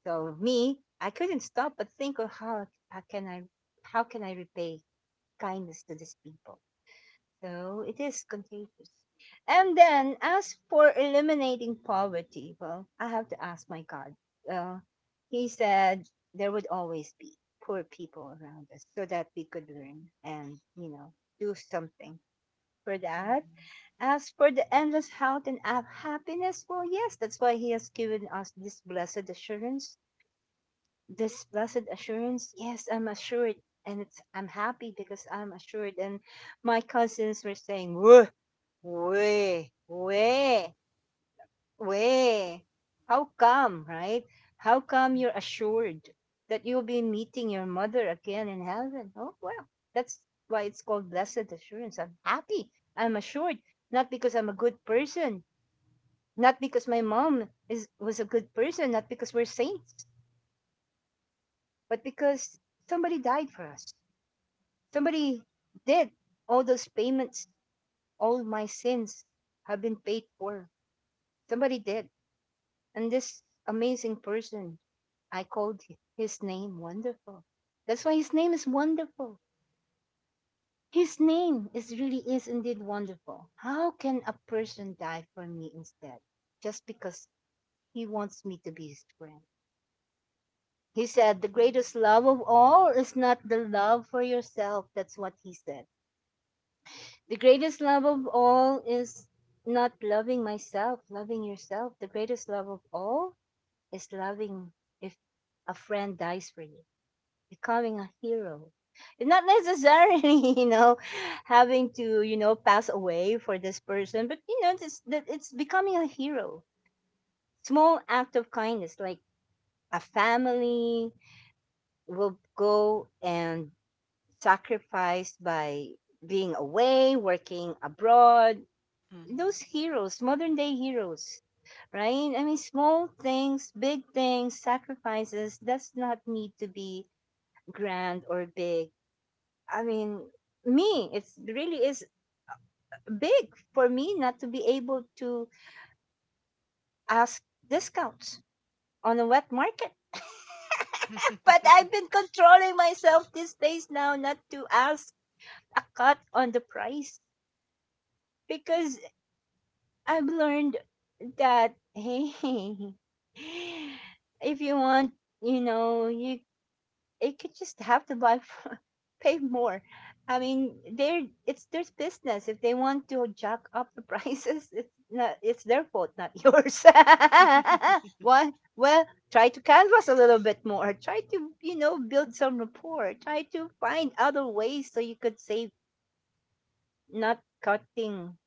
So me, I couldn't stop but think of how, how can I repay kindness to these people? So it is contagious. And then, as for eliminating poverty, well, I have to ask my God. Uh, he said there would always be poor people around us so that we could learn and, you know, do something for that. As for the endless health and happiness, well, yes, that's why He has given us this blessed assurance. This blessed assurance, yes, I'm assured. And it's, I'm happy because I'm assured. And my cousins were saying, "Whoa, way, way, way. How come, right? How come you're assured that you'll be meeting your mother again in heaven? Oh, well, that's why it's called blessed assurance. I'm happy. I'm assured. Not because I'm a good person, not because my mom is, was a good person, not because we're saints, but because somebody died for us. Somebody did. All those payments, all my sins have been paid for. Somebody did. And this amazing person, I called his name Wonderful. That's why his name is Wonderful. His name is really is indeed wonderful. How can a person die for me instead? Just because he wants me to be his friend. He said, the greatest love of all is not the love for yourself. That's what he said. The greatest love of all is not loving myself, loving yourself. The greatest love of all is loving if a friend dies for you. Becoming a hero, and not necessarily having to pass away for this person, but it's that, it's becoming a hero. Small act of kindness, like a family will go and sacrifice by being away working abroad. Those heroes, modern day heroes, right? I mean, small things, big things, sacrifices does not need to be grand or big. I mean, me, it's really is big for me not to be able to ask discounts on a wet market. But I've
Mhm,
been controlling myself these days now not to ask a cut on the price, because I've learned that hey, if you want, you know, you they could just have to buy, pay more. I mean, they're it's their business. If they want to jack up the prices, it's their fault, not yours.
mhm.
Why? Well, try to canvas a little bit more. Try to build some rapport. Try to find other ways so you could save, not cutting,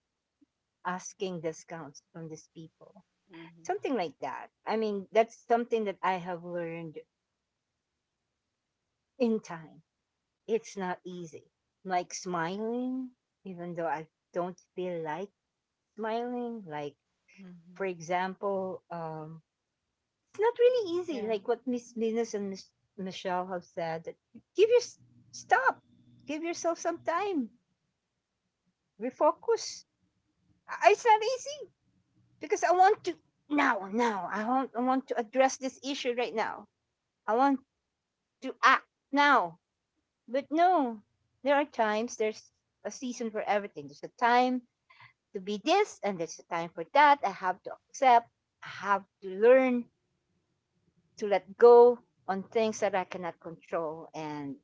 asking discounts from these people.
Mhm,
Something like that. I mean, that's something that I have learned in time. It's not easy. Like smiling, even though I don't feel like smiling. Like,
mhm.
for example, it's not really easy.
Yeah.
Like what Miss Venus and Miss Michelle have said, that give your stop, give yourself some time, refocus. It's not easy because I want to now, now. I want to address this issue right now. I want to act now, but no, there are times. There's a season for everything. There's a time to be this and there's a time for that. I have to accept. I have to learn to let go on things that I cannot control and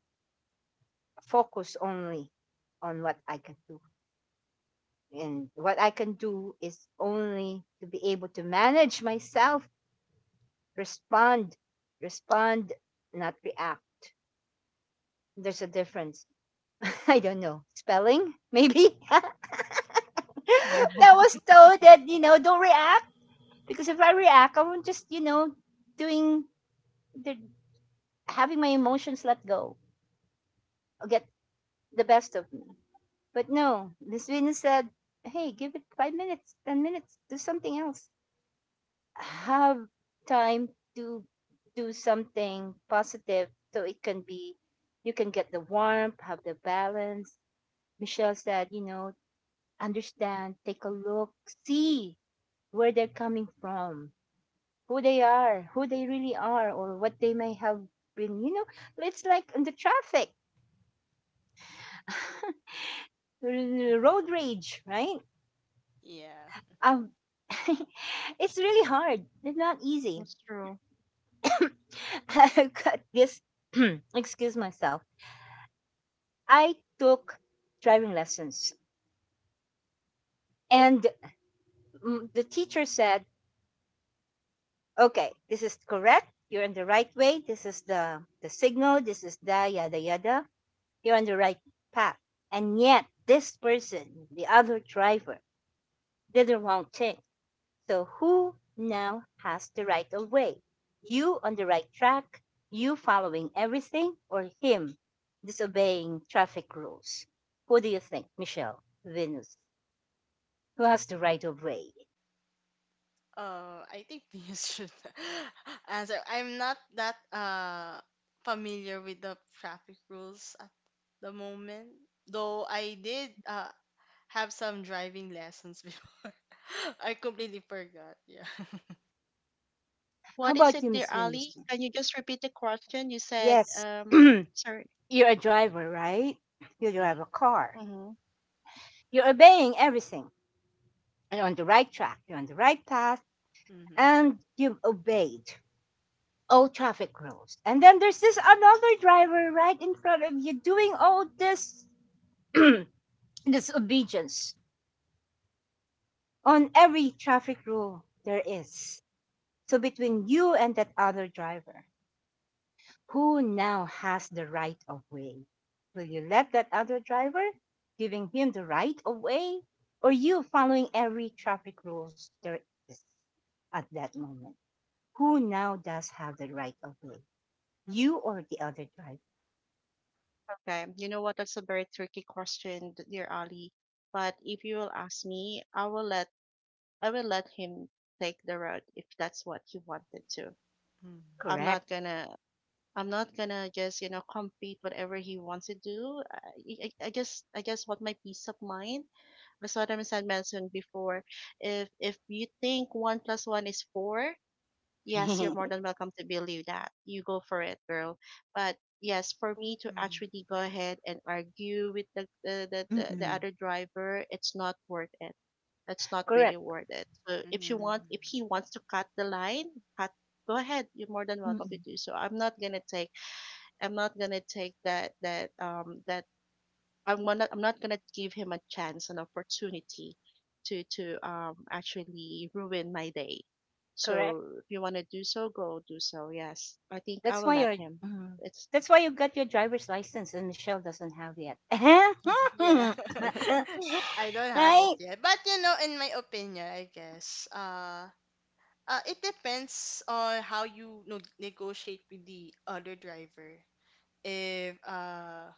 focus only on what I can do. And what I can do is only to be able to manage myself, respond, respond, not react. There's a difference. I don't know. Spelling, maybe?
Yeah.
That was told that, don't react because if I react, I won't just, doing the having my emotions let go or get the best of me. But no, Miss Venus said, hey, give it 5 minutes, 10 minutes, do something else. Have time to do something positive so it can be, you can get the warmth, have the balance. Michelle said, understand, take a look, see where they're coming from, who they are, who they really are, or what they may have been, it's like in the traffic. Road rage, right?
Yeah.
Um, it's really hard. It's not easy.
That's true.
I got this. Excuse myself. I took driving lessons, and mm, the teacher said, "Okay, this is correct. You're on the right way. This is the signal. This is the yada yada. You're on the right path." And yet, this person, the other driver, did the wrong thing. So who now has the right of way? You on the right track? You following everything? Or him disobeying traffic rules? Who do you think, Michelle? Venus. Who has the right of way?
I think Pius should answer. I'm not that familiar with the traffic rules at the moment, though I did have some driving lessons before. I completely forgot. Yeah.
What
How
is
about
it,
you,
dear
Miss Venus?
Ali? Can you just repeat the question? You said,
Yes. You're
sorry.
a driver, right? You drive a
Mhm,
car.
Mm-hmm.
You're obeying everything. You're on the right track. You're on the right path.
mhm,
And you've obeyed Oh, traffic rules. And then there's this another driver right in front of you doing all this disobedience on every traffic rule there is. So between you and that other driver, who now has the right of way? Will you let that other driver giving him the right of way or you following every traffic rules there is at that moment? Who now does have the right of way? You or the other driver?
Okay. You know what? That's a very tricky question, dear Ali. But if you will ask me, I will let him take the road if that's what he wanted to.
mhm,
I'm not
Correct.
gonna I'm not gonna just compete whatever he wants to do. I just want my peace of mind. That's what I'm saying, mentioned before. If you think one plus one is four, yes, you're more than welcome to believe that. You go for it, girl. But yes, for me to actually go ahead and argue with the
Mm.
other driver, it's not worth it. It's not really
Correct.
worth it. So
mhm, mhm.
if he wants to cut the line, cut go ahead. You're more than welcome to
Mm.
do so. I'm not gonna take that. I'm not gonna give him a chance, an opportunity to actually ruin my day.
Correct.
So if you wanna do so, go do so. Yes, I think I
That's
will
why
let
you're.
him.
Mhm.
It's
That's why you got your driver's license, and Michelle doesn't have yet.
Yeah.
Oh,
I don't have it
Right?
yet. But you know, in my opinion, I guess, it depends on how you no negotiate with the other driver. If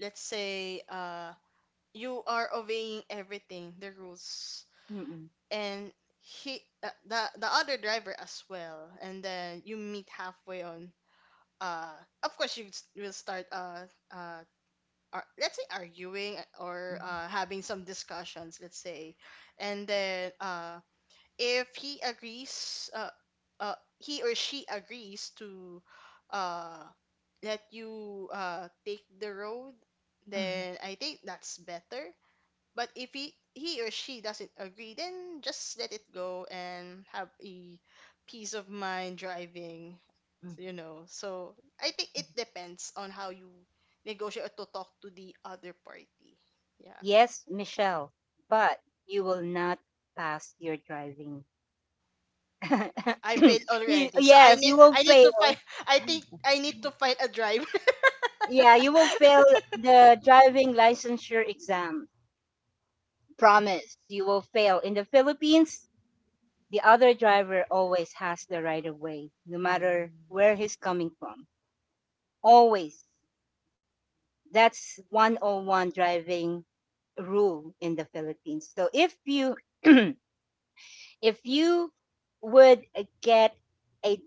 let's say you are obeying everything the rules
Mm-mm.
and he the other driver as well and then you meet halfway on uh of course you will start uh let's say arguing or
Mhm.
having some discussions, let's say, and then uh, if he agrees, he or she agrees to uh, let you take the road,
Mhm.
then I think that's better. But if he or she doesn't agree, then just let it go and have a peace of mind driving,
Mhm.
you know. So I think it depends on how you negotiate or to talk to the other party, yeah.
Yes, Michelle, but you will not pass your driving.
I failed
You,
already. So
yes, you will
I need to find
fail.
I think I need to find a driver.
Yeah, you will fail the driving licensure exam. Promise, you will fail in the Philippines. The other driver always has the right of way, no matter where he's coming from. Always. That's 101 driving rule in the Philippines. So if you if you would get a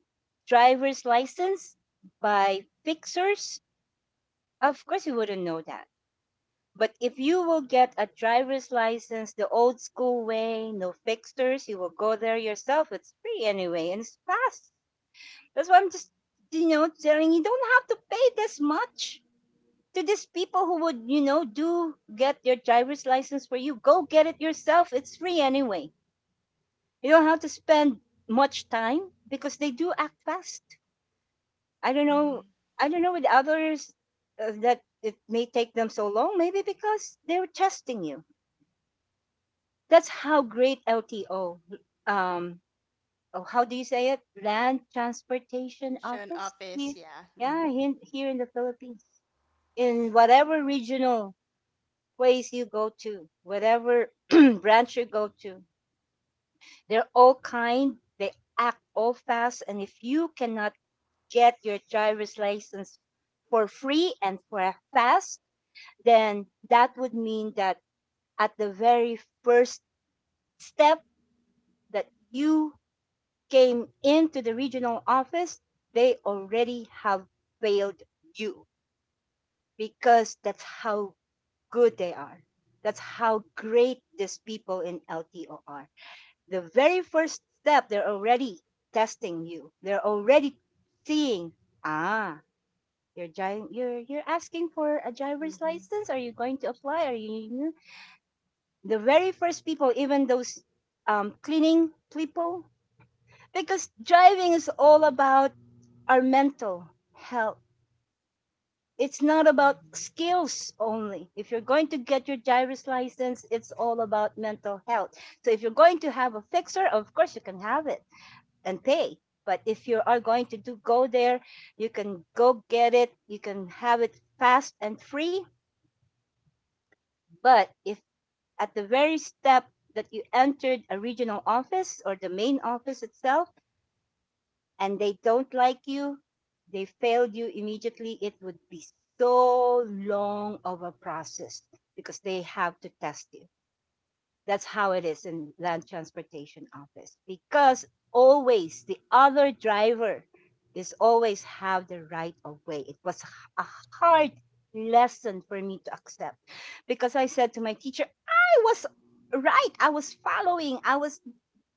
driver's license by fixers, of course you wouldn't know that. But if you will get a driver's license the old school way, no fixers, you will go there yourself. It's free anyway and it's fast. That's why I'm just, telling you don't have to pay this much to these people who would, do get your driver's license for you. Go get it yourself. It's free anyway. You don't have to spend much time because they do act fast. I don't
Mm-hmm.
know. I don't know with others that it may take them so long. Maybe because they're testing you. That's how great LTO, um, oh, how do you say it? Land Transportation
Station
Office.
office,
Here,
yeah. Mm-hmm.
yeah, here in the Philippines. In whatever regional place you go to, whatever branch you go to, they're all kind, they act all fast. And if you cannot get your driver's license for free and for fast, then that would mean that at the very first step that you came into the regional office, they already have failed you because that's how good they are. That's how great these people in LTO are. The very first step, they're already testing you. They're already seeing, ah, you're driving, you're asking for a driver's license. Are you going to apply? Are you the very first people, even those cleaning people? Because driving is all about our mental health, it's not about
Mm-hmm.
skills only. If you're going to get your driver's license, it's all about mental health. So if you're going to have a fixer, of course you can have it and pay. But if you are going to do go there, you can go get it. You can have it fast and free. But if at the very step that you entered a regional office or the main office itself, and they don't like you, they failed you immediately, it would be so long of a process because they have to test you. That's how it is in land transportation office because always the other driver is always have the right of way. It was a hard lesson for me to accept because I said to my teacher, I was right. I was following. I was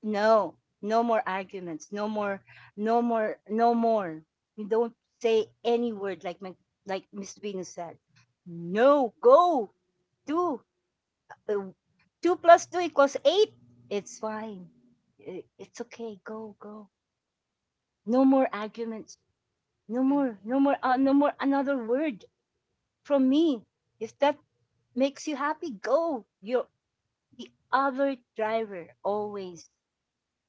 no, no more arguments. No more, no more. You don't say any word like my, like Miss Venus said. No, go, do. Uh, two plus two equals eight. It's fine. It's okay. Go, go. No more arguments. No more another word from me. If that makes you happy, go. You're the other driver always.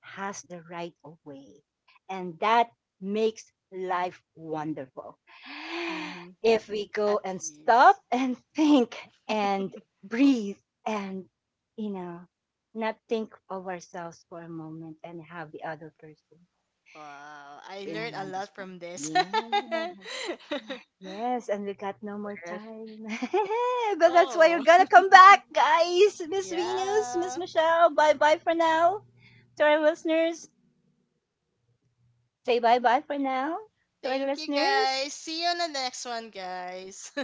Has the right of way. And that makes life wonderful.
Mm-hmm.
If we go
At
and
least.
stop and think and breathe and, you know, not think of ourselves for a moment and have the other person
Wow. I learned
in
a lot
understand.
from this.
Yeah. Yes, and we got no more
yes.
time. But that's why you're
Oh.
gonna come back, guys. Miss Venus, Miss
Yeah.
Michelle, bye bye for now to our listeners. Say bye bye for now to our
Thank you
listeners.
guys. See you on the next one, guys.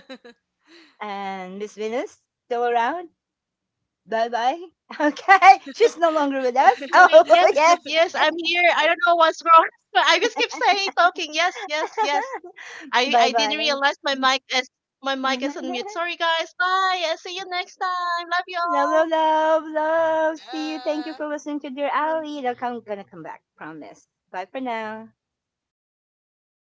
And Miss Venus, still around. Bye bye. Okay. She's no longer with us.
Okay,
Oh,
yes,
yes.
yes, I'm here. I don't know what's wrong. I just keep saying talking. Yes, yes, yes. I
Bye
I didn't
bye.
realize my mic is on mute. Sorry guys. Bye. I'll see you next time. Love
Love, love,
y'all.
love, love. See you. Thank you
Yeah.
for listening to Dear
Bye.
Ali. I'm gonna come back. Promise. Bye for now.